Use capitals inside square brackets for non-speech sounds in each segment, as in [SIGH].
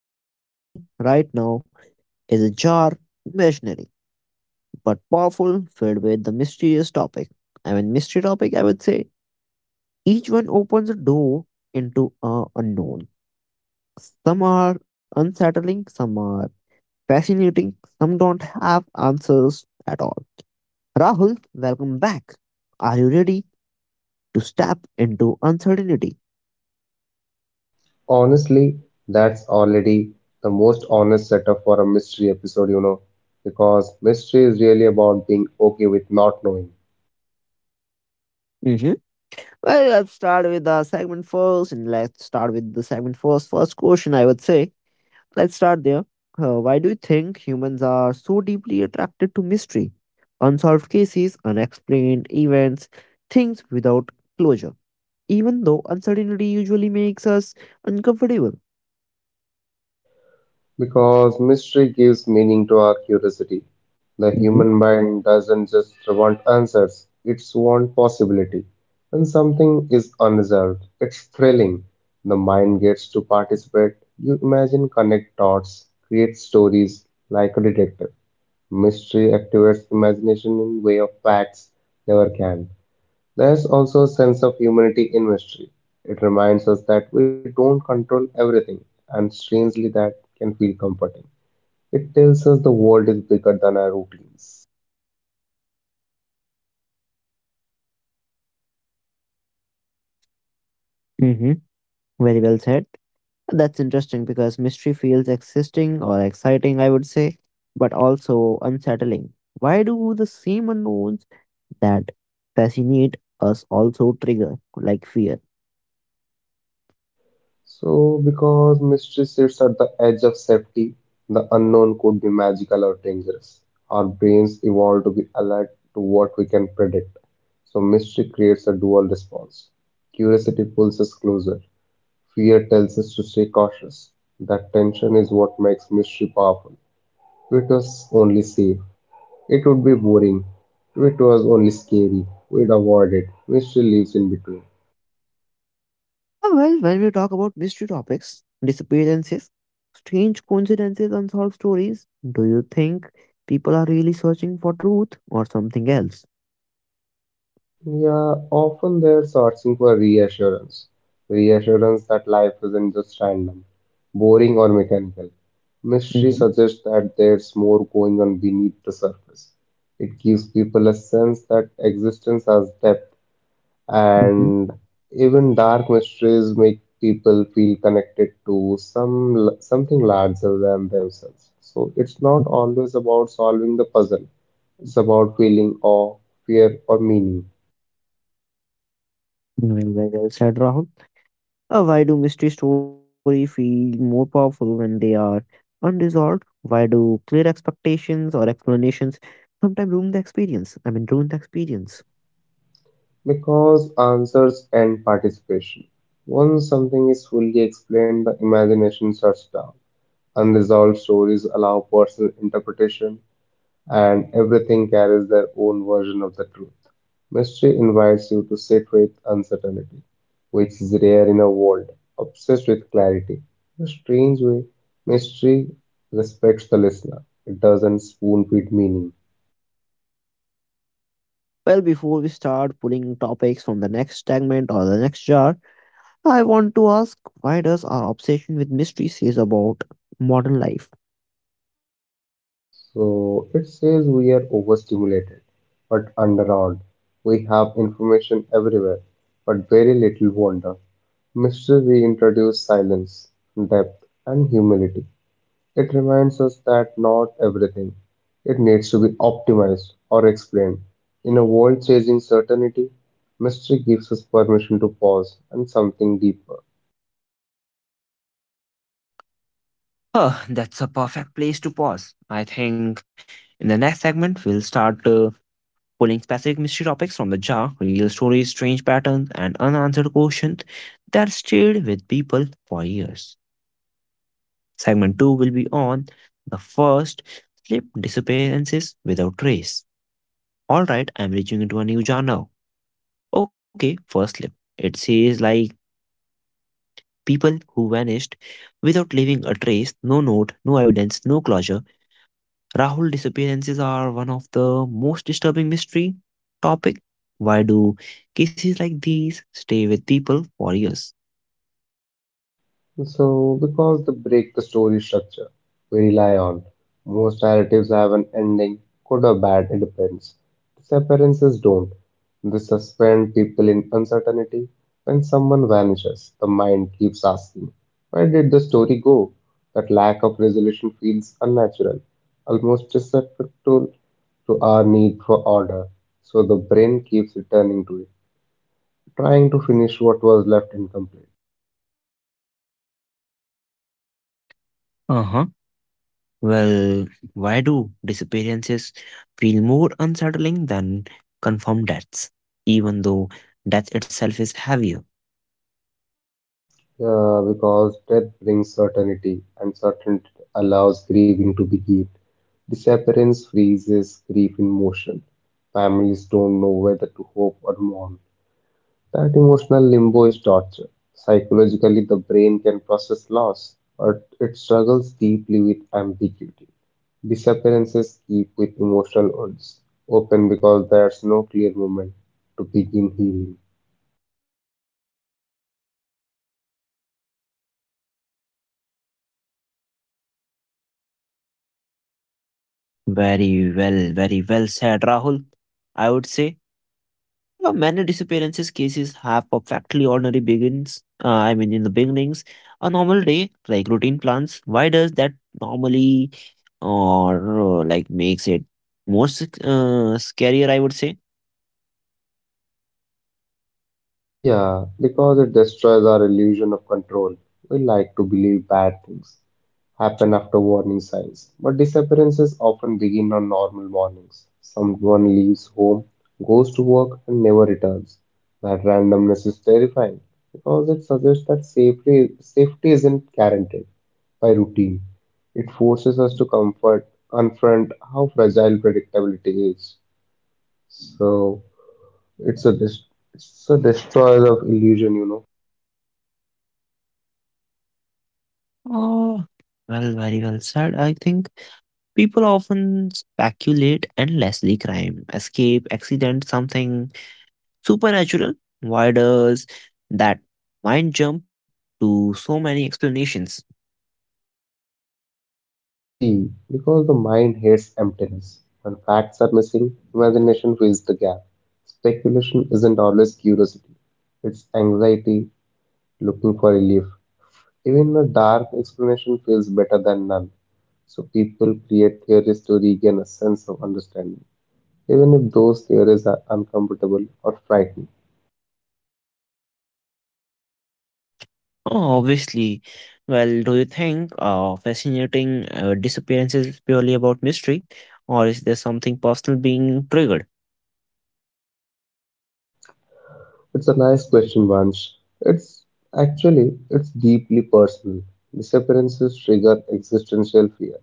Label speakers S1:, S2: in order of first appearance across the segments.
S1: In front of me right now is a jar, imaginary but powerful, filled with the mysterious topic. I mean, mystery topic, I would say. Each one opens a door into a unknown. Some are unsettling, some are fascinating, some don't have answers at all. Rahul, welcome back. Are you ready to step into uncertainty?
S2: Honestly, that's already the most honest setup for a mystery episode, because mystery is really about being okay with not knowing.
S1: Well, let's start with the segment first, and let's start with the segment first. First question, I would say. Let's start there. Why do you think humans are so deeply attracted to mystery? Unsolved cases, unexplained events, things without closure. Even though uncertainty usually makes us uncomfortable.
S2: Because mystery gives meaning to our curiosity. The
S1: Mm-hmm.
S2: human mind doesn't just want answers, it's want possibility. When something is unresolved, it's thrilling. The mind gets to participate. You imagine, connect dots, create stories like a detective. Mystery activates imagination in way of facts never can. There's also a sense of humanity in mystery. It reminds us that we don't control everything, and strangely that can feel comforting. It tells us the world is bigger than our routines.
S1: Mm-hmm. Very well said. That's interesting because mystery feels existing or exciting, I would say, but also unsettling. Why do the same unknowns that fascinate us also trigger, like, fear?
S2: So because mystery sits at the edge of safety, the unknown could be magical or dangerous. Our brains evolved to be alert to what we can predict. So mystery creates a dual response. Curiosity pulls us closer. Fear tells us to stay cautious. That tension is what makes mystery powerful. If it was only safe, it would be boring. If it was only scary, we'd avoid it. Mystery lives in between.
S1: Ah, well, when we talk about mystery topics, disappearances, strange coincidences, unsolved stories, do you think people are really searching for truth or something else?
S2: Yeah, often they're searching for reassurance. Reassurance that life isn't just random, boring, or mechanical. Mystery
S1: Mm-hmm.
S2: suggests that there's more going on beneath the surface. It gives people a sense that existence has depth,
S1: Mm-hmm.
S2: and even dark mysteries make people feel connected to something larger than themselves. So it's not always about solving the puzzle. It's about feeling awe, fear, or meaning.
S1: Well said, Rahul. Why do mystery stories feel more powerful when they are unresolved? Why do clear expectations or explanations sometimes ruin the experience? I mean, ruin the experience.
S2: Because answers and participation. Once something is fully explained, the imagination shuts down. Unresolved stories allow personal interpretation, and everything carries their own version of the truth. Mystery invites you to sit with uncertainty, which is rare in a world obsessed with clarity. In a strange way, mystery respects the listener, it doesn't spoon feed meaning.
S1: Well, before we start pulling topics from the next segment or the next jar, I want to ask why does our obsession with mystery says about modern life?
S2: So it says we are overstimulated but underarmed. We have information everywhere but very little wonder. Mystery reintroduces silence, depth, and humility. It reminds us that not everything it needs to be optimized or explained. In a world chasing certainty, mystery gives us permission to pause and something deeper.
S1: Oh, that's a perfect place to pause. I think in the next segment, we'll start pulling specific mystery topics from the jar, real stories, strange patterns, and unanswered questions that stayed with people for years. Segment 2 will be on the first slip disappearances without trace. Alright, I'm reaching into a new jar now. Okay, first slip. It says like people who vanished without leaving a trace, no note, no evidence, no closure. Rahul, disappearances are one of the most disturbing mystery topic. Why do cases like these stay with people for years?
S2: So, because they break the story structure we rely on, most narratives have an ending, good or bad, it depends. Disappearances don't. They suspend people in uncertainty. When someone vanishes, the mind keeps asking, "Where did the story go?" That lack of resolution feels unnatural, almost disrespectful to our need for order. So, the brain keeps returning to it, trying to finish what was left incomplete.
S1: Uh huh. Well, why do disappearances feel more unsettling than confirmed deaths, even though death itself is heavier?
S2: Yeah, because death brings certainty, and certainty allows grieving to begin. Disappearance freezes grief in motion. Families don't know whether to hope or mourn. That emotional limbo is torture. Psychologically, the brain can process loss, but it struggles deeply with ambiguity. Disappearances keep with emotional wounds open because there's no clear moment to begin healing.
S1: Very well, very well said, Rahul. I would say. Many disappearances cases have perfectly ordinary begins. I mean, in the beginnings, a normal day like routine plans. Why does that normally or like makes it more scarier? I would say.
S2: Yeah, because it destroys our illusion of control. We like to believe bad things happen after warning signs, but disappearances often begin on normal mornings. Someone leaves home, goes to work, and never returns. That randomness is terrifying because it suggests that safety isn't guaranteed by routine. It forces us to comfort, confront how fragile predictability is. So, it's a dest- it's a destroyer of illusion.
S1: Oh, well, very well said. I think people often speculate endlessly: crime, escape, accident, something supernatural. Why does that mind jump to so many explanations?
S2: See, because the mind hates emptiness. When facts are missing, imagination fills the gap. Speculation isn't always curiosity. It's anxiety looking for relief. Even a dark explanation feels better than none. So people create theories to regain a sense of understanding, even if those theories are uncomfortable or frightening.
S1: Oh, obviously. Well, do you think fascinating disappearances is purely about mystery, or is there something personal being triggered?
S2: It's a nice question, Vansh. It's Actually, it's deeply personal. Disappearances trigger existential fear.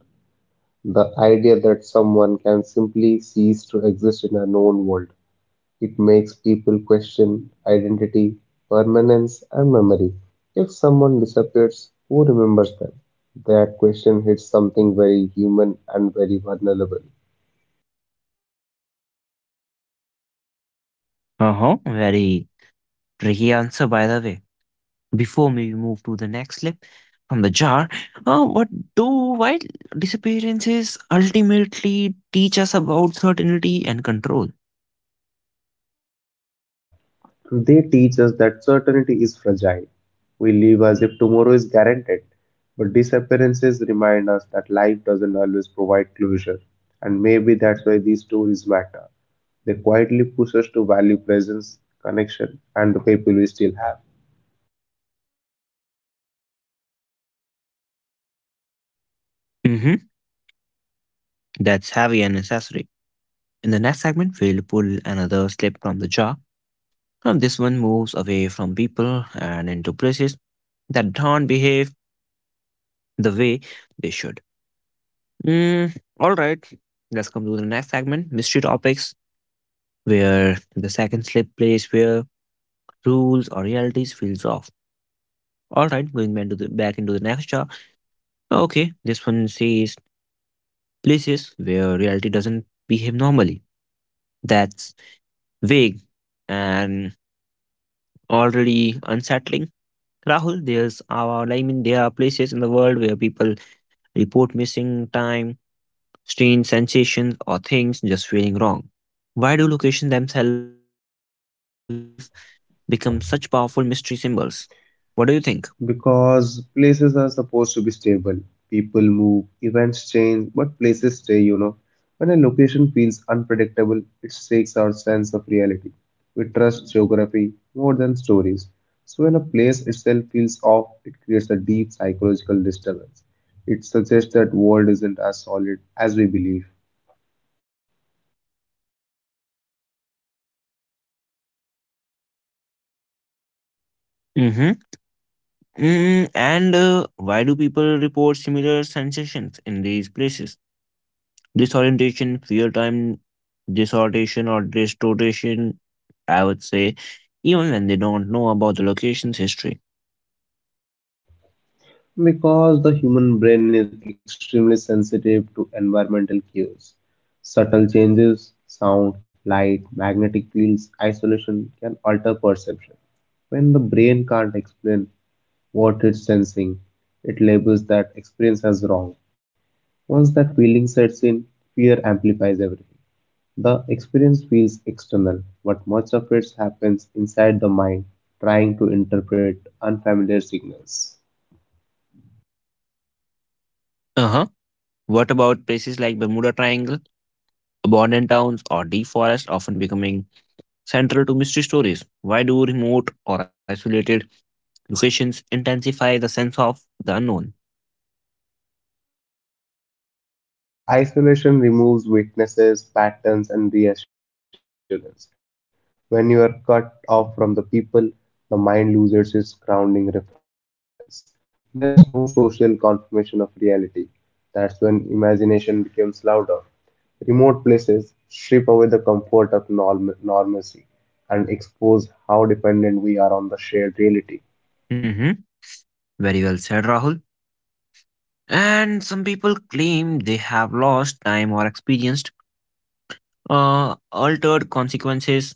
S2: The idea that someone can simply cease to exist in a known world. It makes people question identity, permanence, and memory. If someone disappears, who remembers them? That question hits something very human and very vulnerable.
S1: Uh huh. Very tricky answer, by the way. Before we move to the next clip from the jar, what do wild disappearances ultimately teach us about certainty and control?
S2: They teach us that certainty is fragile. We live as if tomorrow is guaranteed, but disappearances remind us that life doesn't always provide closure. And maybe that's why these stories matter. They quietly push us to value presence, connection, and the people we still have.
S1: Mm-hmm. That's heavy and necessary. In the next segment, we'll pull another slip from the jar. And this one moves away from people and into places that don't behave the way they should. Mm, all right, let's come to the next segment mystery topics, where the second slip place where rules or realities feels off. All right, going back, to the, back into the next jar. Okay, this one says places where reality doesn't behave normally. That's vague and already unsettling. Rahul, I mean, there are places in the world where people report missing time, strange sensations, or things just feeling wrong. Why do locations themselves become such powerful mystery symbols? What do you think?
S2: Because places are supposed to be stable. People move, events change, but places stay. When a location feels unpredictable, it shakes our sense of reality. We trust geography more than stories. So when a place itself feels off, it creates a deep psychological disturbance. It suggests that world isn't as solid as we believe.
S1: Mm-hmm. Mm, and why do people report similar sensations in these places? Disorientation, fear time, disorientation, or distortion, I would say, even when they don't know about the location's history.
S2: Because the human brain is extremely sensitive to environmental cues. Subtle changes, sound, light, magnetic fields, isolation can alter perception. When the brain can't explain what it's sensing, it labels that experience as wrong. Once that feeling sets in, fear amplifies everything. The experience feels external, but much of it happens inside the mind, trying to interpret unfamiliar signals.
S1: Uh huh. What about places like Bermuda Triangle, abandoned towns, or deep forests often becoming central to mystery stories? Why do remote or isolated locations intensify the sense of the unknown?
S2: So, isolation removes weaknesses, patterns, and reassurance. When you are cut off from the people, the mind loses its grounding reference. There's no social confirmation of reality. That's when imagination becomes louder. Remote places strip away the comfort of normalcy and expose how dependent we are on the shared reality.
S1: Hmm. Very well said, Rahul. And some people claim they have lost time or experienced altered consequences,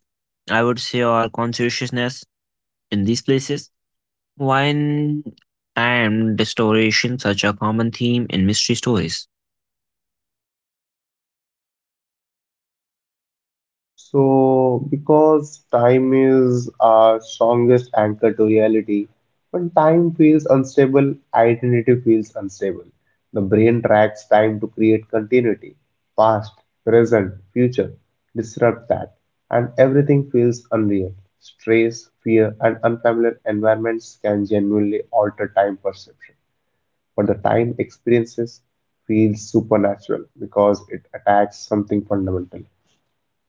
S1: I would say, or consciousness in these places. Wine time distortions such a common theme in mystery stories.
S2: So, because time is our strongest anchor to reality, when time feels unstable, identity feels unstable. The brain tracks time to create continuity, past, present, future, disrupt that, and everything feels unreal. Stress, fear, and unfamiliar environments can genuinely alter time perception, but the time experiences feels supernatural because it attacks something fundamental.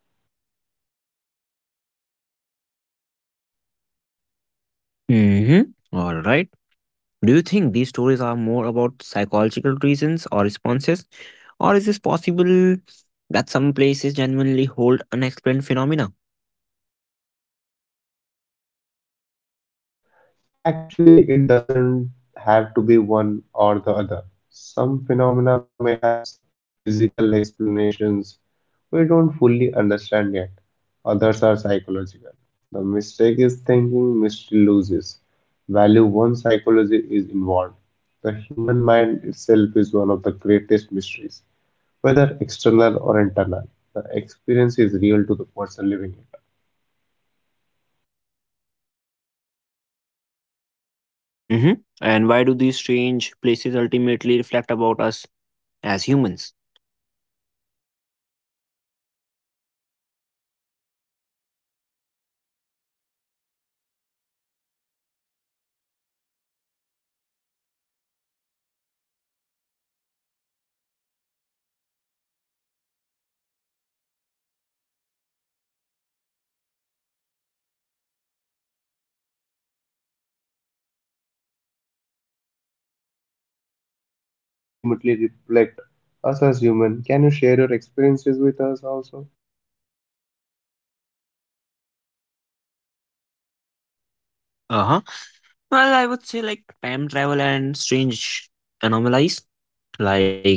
S1: Mm-hmm. All right. Do you think these stories are more about psychological reasons or responses? Or is this possible that some places genuinely hold unexplained phenomena?
S2: Actually, it doesn't have to be one or the other. Some phenomena may have physical explanations we don't fully understand yet, others are psychological. The mistake is thinking mystery loses value once psychology is involved. The human mind itself is one of the greatest mysteries, whether external or internal. The experience is real to the person living it.
S1: Hmm. And why do these strange places ultimately reflect about us as humans?
S2: So, Vansh, I want also some experiences about yourself, how these strange places ultimately reflect us as human. Can you share your experiences with us also?
S1: Uh huh. Well, I would say like time travel and strange anomalies. Like,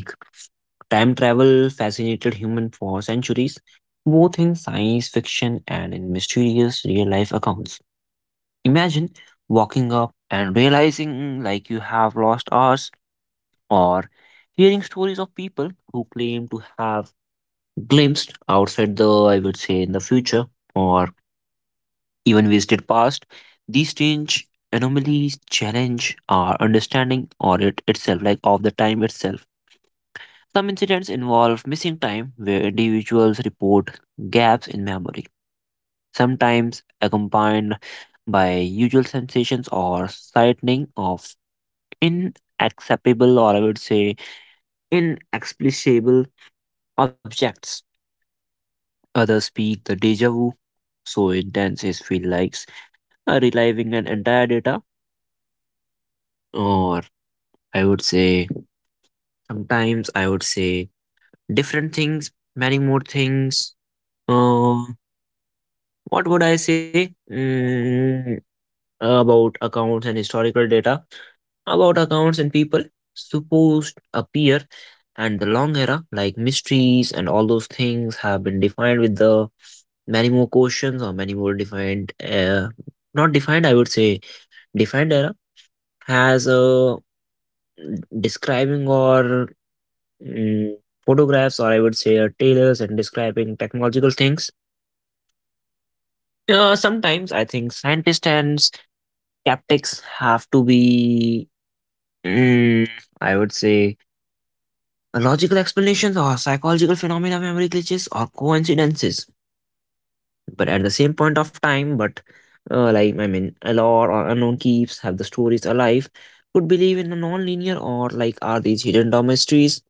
S1: time travel fascinated human for centuries, both in science fiction and in mysterious real life accounts. Imagine walking up and realizing like you have lost hours or hearing stories of people who claim to have glimpsed outside the, I would say, in the future or even visited past. These strange anomalies challenge our understanding or it itself, like of the time itself. Some incidents involve missing time where individuals report gaps in memory, sometimes accompanied by usual sensations or sightening of inacceptable or, I would say, inexplicable objects. Others speak the deja vu, so intense it feels like reliving an entire data, or, I would say, sometimes, I would say, different things, many more things. Uh, what would I say, about accounts and historical data? About accounts and people supposed appear and the long era like mysteries and all those things have been defined with the many more questions or many more defined not defined, I would say, defined era has a describing or, mm, photographs or, I would say, tailors and describing technological things. Sometimes I think scientists and skeptics have to be, mm, I would say, logical explanations or psychological phenomena, memory glitches or coincidences. But at the same point of time, but like I mean a lore or unknown keeps have the stories alive, could believe in a non-linear or like are these hidden door mysteries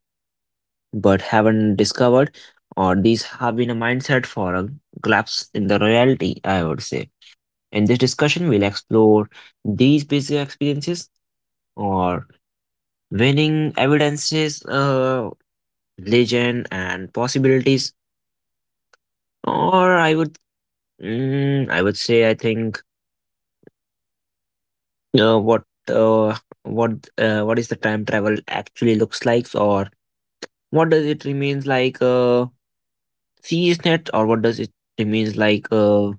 S1: but haven't discovered, or these have been a mindset for a collapse in the reality, I would say. In this discussion, we'll explore these basic experiences or winning evidences, legend and possibilities. Or I would say I think uh, what uh, what is the time travel actually looks like, or what does it remains like? Series net, or what does it remains like?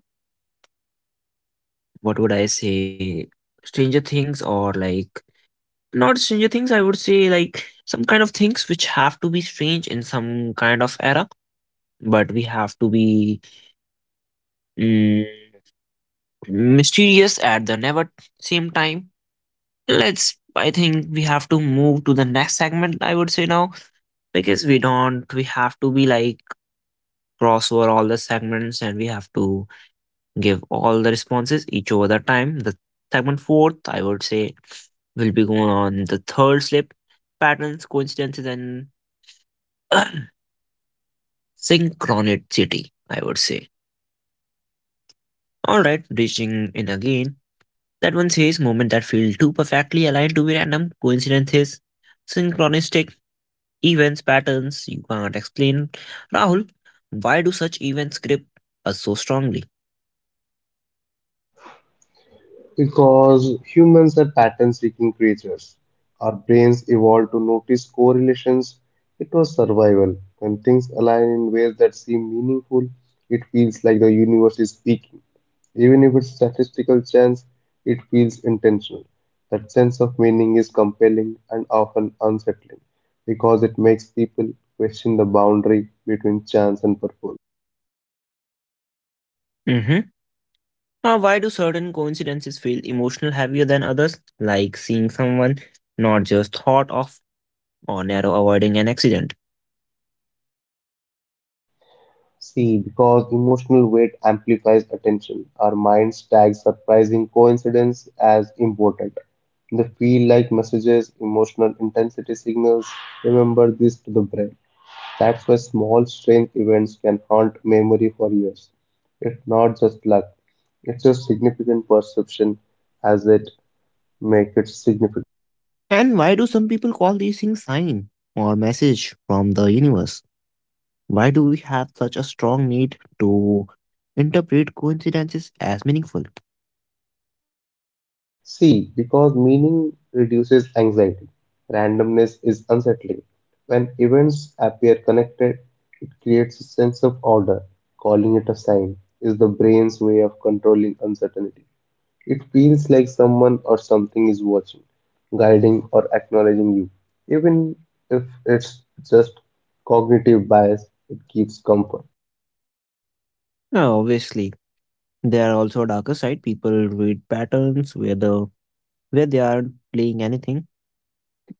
S1: What would I say? Stranger Things, or like not Stranger Things? I would say like some kind of things which have to be strange in some kind of era, but we have to be, mm, mysterious at the never same time. Let's, I think we have to move to the next segment, I would say, now, because we don't, we have to be like cross over all the segments and we have to give all the responses each over the time. The segment fourth, I would say, will be going on the third slip patterns, coincidences, and [CLEARS THROAT] synchronicity, I would say. All right, reaching in again. That one says moment that feel too perfectly aligned to be random coincidences, synchronistic events, patterns you can't explain. Rahul, why do such events grip us so strongly?
S2: Because humans are pattern seeking creatures. Our brains evolved to notice correlations. It was survival. When things align in ways that seem meaningful, it feels like the universe is speaking. Even if it's statistical chance, it feels intentional. That sense of meaning is compelling and often unsettling because it makes people question the boundary between chance and purpose.
S1: Mm-hmm. Now, why do certain coincidences feel emotional heavier than others, like seeing someone not just thought of or narrow avoiding an accident?
S2: See, because emotional weight amplifies attention, our minds tag surprising coincidences as important. They feel like messages, emotional intensity signals. Remember this to the brain. That's why small strange events can haunt memory for years. It's not just luck, it's a significant perception as it makes it significant.
S1: And why do some people call these things sign or message from the universe? Why do we have such a strong need to interpret coincidences as meaningful?
S2: C. because meaning reduces anxiety, randomness is unsettling. When events appear connected, it creates a sense of order. Calling it a sign is the brain's way of controlling uncertainty. It feels like someone or something is watching, guiding, or acknowledging you. Even if it's just cognitive bias, it gives comfort.
S1: Now, obviously, there are also darker side. People read patterns where the where they are playing anything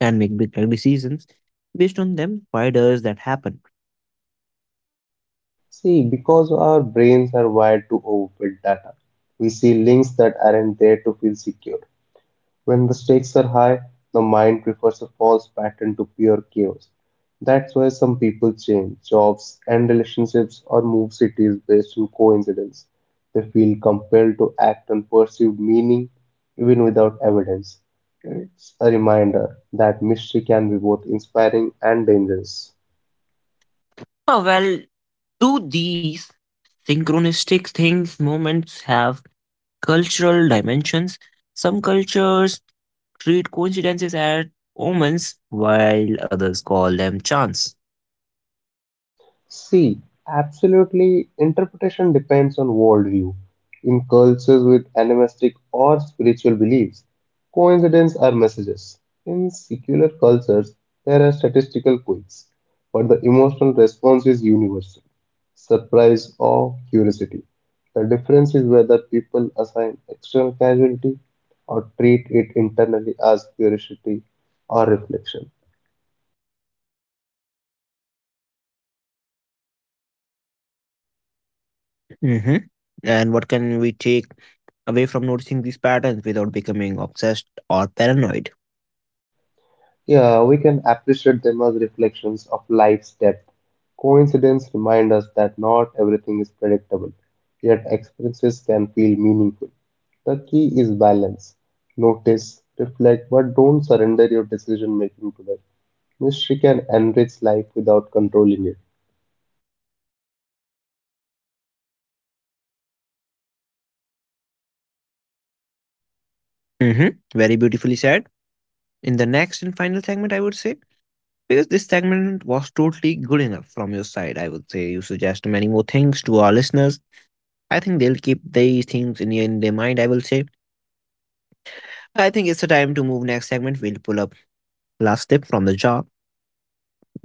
S1: and make big life decisions based on them. Why does that happen?
S2: See, because our brains are wired to overfit data, we see links that aren't there to feel secure. When the stakes are high, the mind prefers a false pattern to pure chaos. That's why some people change jobs and relationships or move cities based on coincidence. They feel compelled to act on perceived meaning even without evidence. It's a reminder that mystery can be both inspiring and dangerous.
S1: Oh, well, do these synchronistic things moments have cultural dimensions? Some cultures treat coincidences as omens, while others call them chance.
S2: See, absolutely, interpretation depends on worldview. In cultures with animistic or spiritual beliefs, coincidences are messages. In secular cultures, there are statistical quirks, but the emotional response is universal surprise or curiosity. The difference is whether people assign external causality or treat it internally as curiosity or reflection.
S1: Hmm. And what can we take away from noticing these patterns without becoming obsessed or paranoid?
S2: Yeah, we can appreciate them as reflections of life's depth. Coincidence remind us that not everything is predictable, yet experiences can feel meaningful. The key is balance. Notice, reflect, but don't surrender your decision making to them. Mystery can enrich life without controlling it.
S1: Mm-hmm. Very beautifully said. In the next and final segment, I would say, because this segment was totally good enough from your side, I would say, you suggest many more things to our listeners. I think they'll keep these things in their mind, I will say. I think it's the time to move next segment. We'll pull up last tip from the jar.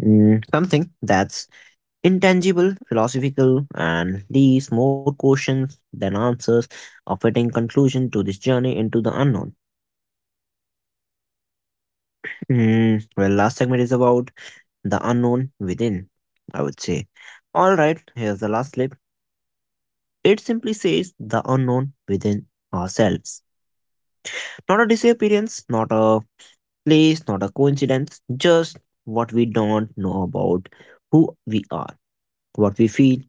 S1: Mm, something that's intangible, philosophical, and leaves more questions than answers, offering conclusion to this journey into the unknown. Mm, well, last segment is about the unknown within, I would say. All right, here's the last clip. It simply says the unknown within ourselves. Not a disappearance, not a place, not a coincidence, just what we don't know about who we are, what we feel,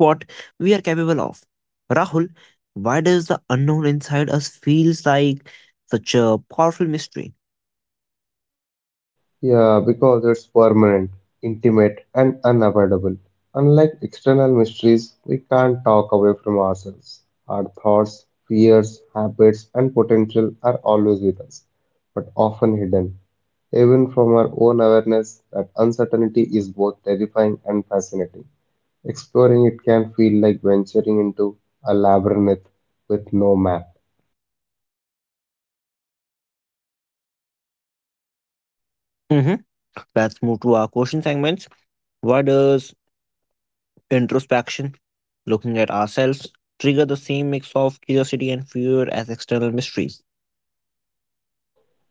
S1: what we are capable of. Rahul, why does the unknown inside us feels like such a powerful mystery?
S2: Yeah, because it's permanent, intimate, and unavoidable. Unlike external mysteries, we can't talk away from ourselves. Our thoughts, fears, habits, and potential are always with us, but often hidden. Even from our own awareness, that uncertainty is both terrifying and fascinating. Exploring it can feel like venturing into a labyrinth with no map.
S1: Hmm. Let's move to our question segments. Why does introspection, looking at ourselves, trigger the same mix of curiosity and fear as external mysteries?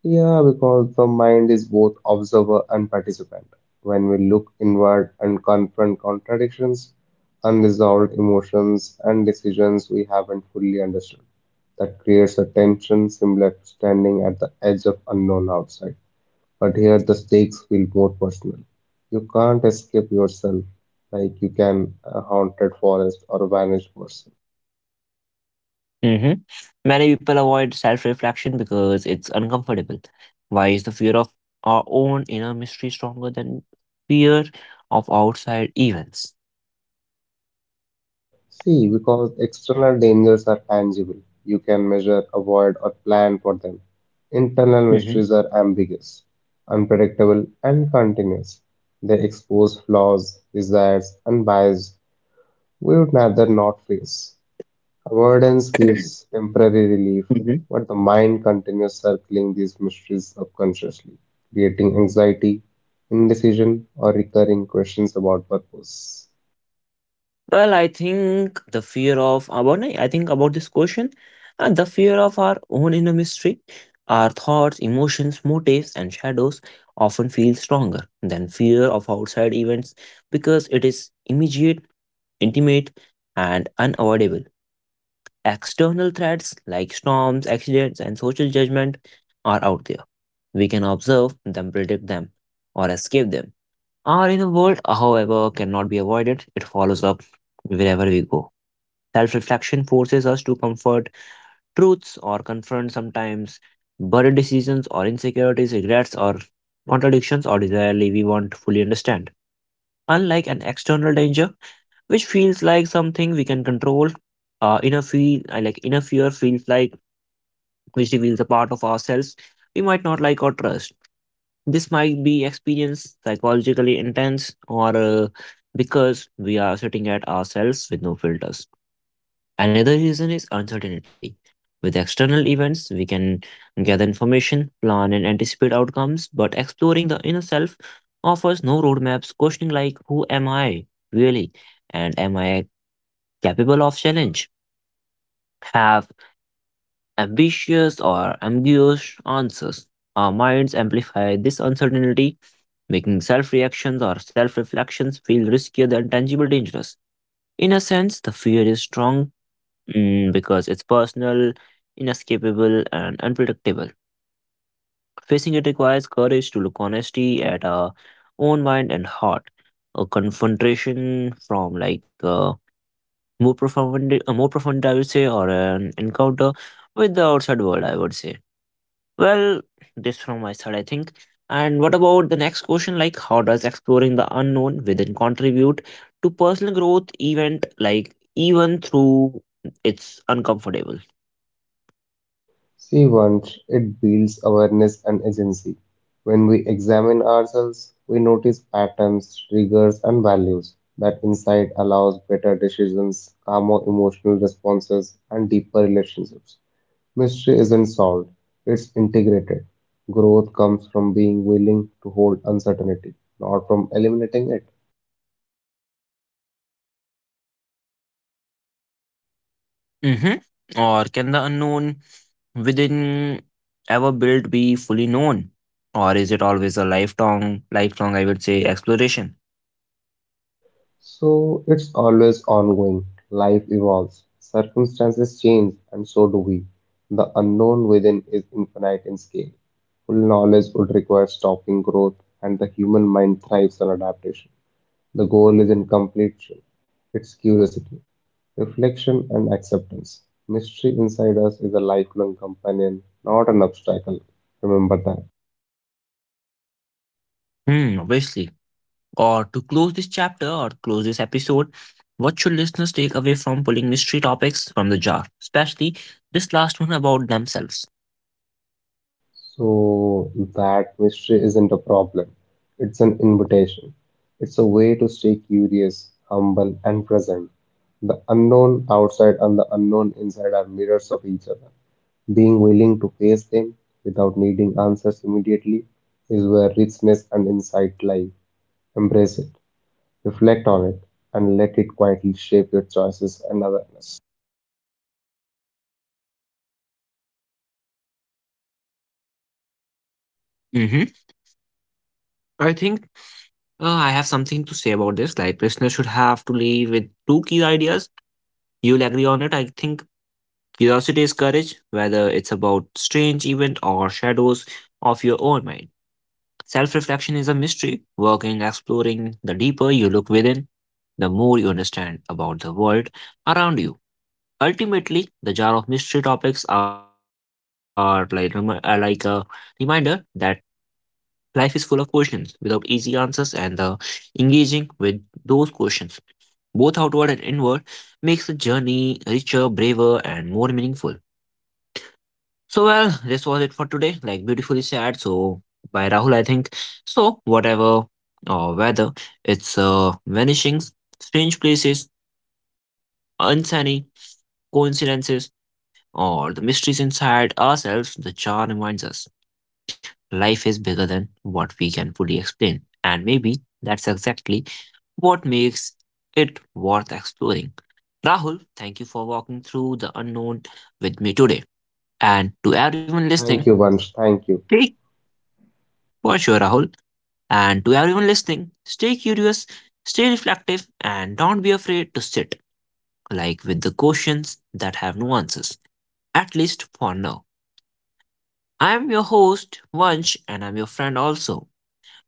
S2: Yeah, because the mind is both observer and participant. When we look inward and confront contradictions, unresolved emotions, and decisions we haven't fully understood, that creates a tension similar to standing at the edge of unknown outside. But here the stakes feel more personal. You can't escape yourself like you can a haunted forest or a vanished person.
S1: Hmm. Many people avoid self reflection because it's uncomfortable. Why is the fear of our own inner mystery stronger than fear of outside events?
S2: See, because external dangers are tangible, you can measure, avoid, or plan for them. Internal
S1: Hmm.
S2: mysteries are ambiguous, unpredictable, and continuous. They expose flaws, desires, and bias we would rather not face. Avoidance gives temporary relief,
S1: [CLEARS THROAT]
S2: but the mind continues circling these mysteries subconsciously, creating anxiety, indecision, or recurring questions about purpose.
S1: Well, I think the fear of about I think about this question and the fear of our own inner mystery, our thoughts, emotions, motives, and shadows often feel stronger than fear of outside events because it is immediate, intimate, and unavoidable. External threats like storms, accidents, and social judgment are out there. We can observe them, predict them, or escape them. Our inner world, however, cannot be avoided. It follows up wherever we go. Self reflection forces us to comfort truths or confront sometimes buried decisions or insecurities, regrets or contradictions or desirely we want to fully understand. Unlike an external danger, which feels like something we can control, inner feel like inner fear feels like which reveals a part of ourselves we might not like or trust. This might be experienced psychologically intense or because we are sitting at ourselves with no filters. Another reason is uncertainty. With external events, we can gather information, plan, and anticipate outcomes, but exploring the inner self offers no roadmaps, questioning like, who am I really? And am I capable of challenge? Have ambitious or ambiguous answers. Our minds amplify this uncertainty, making self reactions or self reflections feel riskier than tangible dangers. In a sense, the fear is strong. Mm, because it's personal, inescapable, and unpredictable. Facing it requires courage to look honesty at our own mind and heart. A confrontation from like a more profound, I would say, or an encounter with the outside world, I would say. Well, this from my side, I think. And what about the next question? Like, how does exploring the unknown within contribute to personal growth event, like even through it's uncomfortable?
S2: See, once it builds awareness and agency. When we examine ourselves, we notice patterns, triggers, and values. That insight allows better decisions, calmer emotional responses, and deeper relationships. Mystery isn't solved, it's integrated. Growth comes from being willing to hold uncertainty, not from eliminating it.
S1: Mhm. Or can the unknown within ever built be fully known? Or is it always a lifelong, I would say, exploration?
S2: So it's always ongoing. Life evolves, circumstances change, and so do we. The unknown within is infinite in scale. Full knowledge would require stopping growth, and the human mind thrives on adaptation. The goal isn't completion, it's curiosity, reflection, and acceptance. Mystery inside us is a lifelong companion, not an obstacle. Remember that.
S1: Hmm, obviously. Or to close this chapter or close this episode, what should listeners take away from pulling mystery topics from the jar? Especially this last one about themselves.
S2: So that mystery isn't a problem. It's an invitation. It's a way to stay curious, humble, and present. The unknown outside and the unknown inside are mirrors of each other. Being willing to face them without needing answers immediately is where richness and insight lie. Embrace it, reflect on it, and let it quietly shape your choices and awareness.
S1: Hmm. I think I have something to say about this. Like, listeners should have to leave with two key ideas. You'll agree on it, I think. Curiosity is courage, whether it's about strange event or shadows of your own mind. Self reflection is a mystery, working, exploring. The deeper you look within, the more you understand about the world around you. Ultimately, the jar of mystery topics are like, are like a reminder that life is full of questions without easy answers, and the engaging with those questions, both outward and inward, makes the journey richer, braver, and more meaningful. So well, this was it for today. Like beautifully sad. So by Rahul, I think. So whatever weather, it's vanishing, strange places, uncanny coincidences, or the mysteries inside ourselves. The jar reminds us life is bigger than what we can fully explain, and maybe that's exactly what makes it worth exploring. Rahul, thank you for walking through the unknown with me today, and to everyone listening,
S2: Thank you, Vansh. Thank you.
S1: take for sure, Rahul. And to everyone listening, stay curious, stay reflective, and don't be afraid to sit like with the questions that have no answers, at least for now. I am your host, Vansh, and I'm your friend also.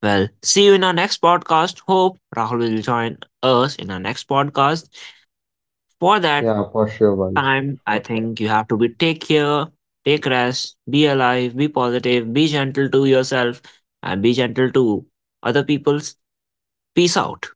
S1: Well, see you in our next podcast. Hope Rahul will join us in our next podcast. For that
S2: Yeah, for sure, Vansh.
S1: time, I
S2: For sure.
S1: think you have to be take care, take rest, be alive, be positive, be gentle to yourself, and be gentle to other people's. Peace out.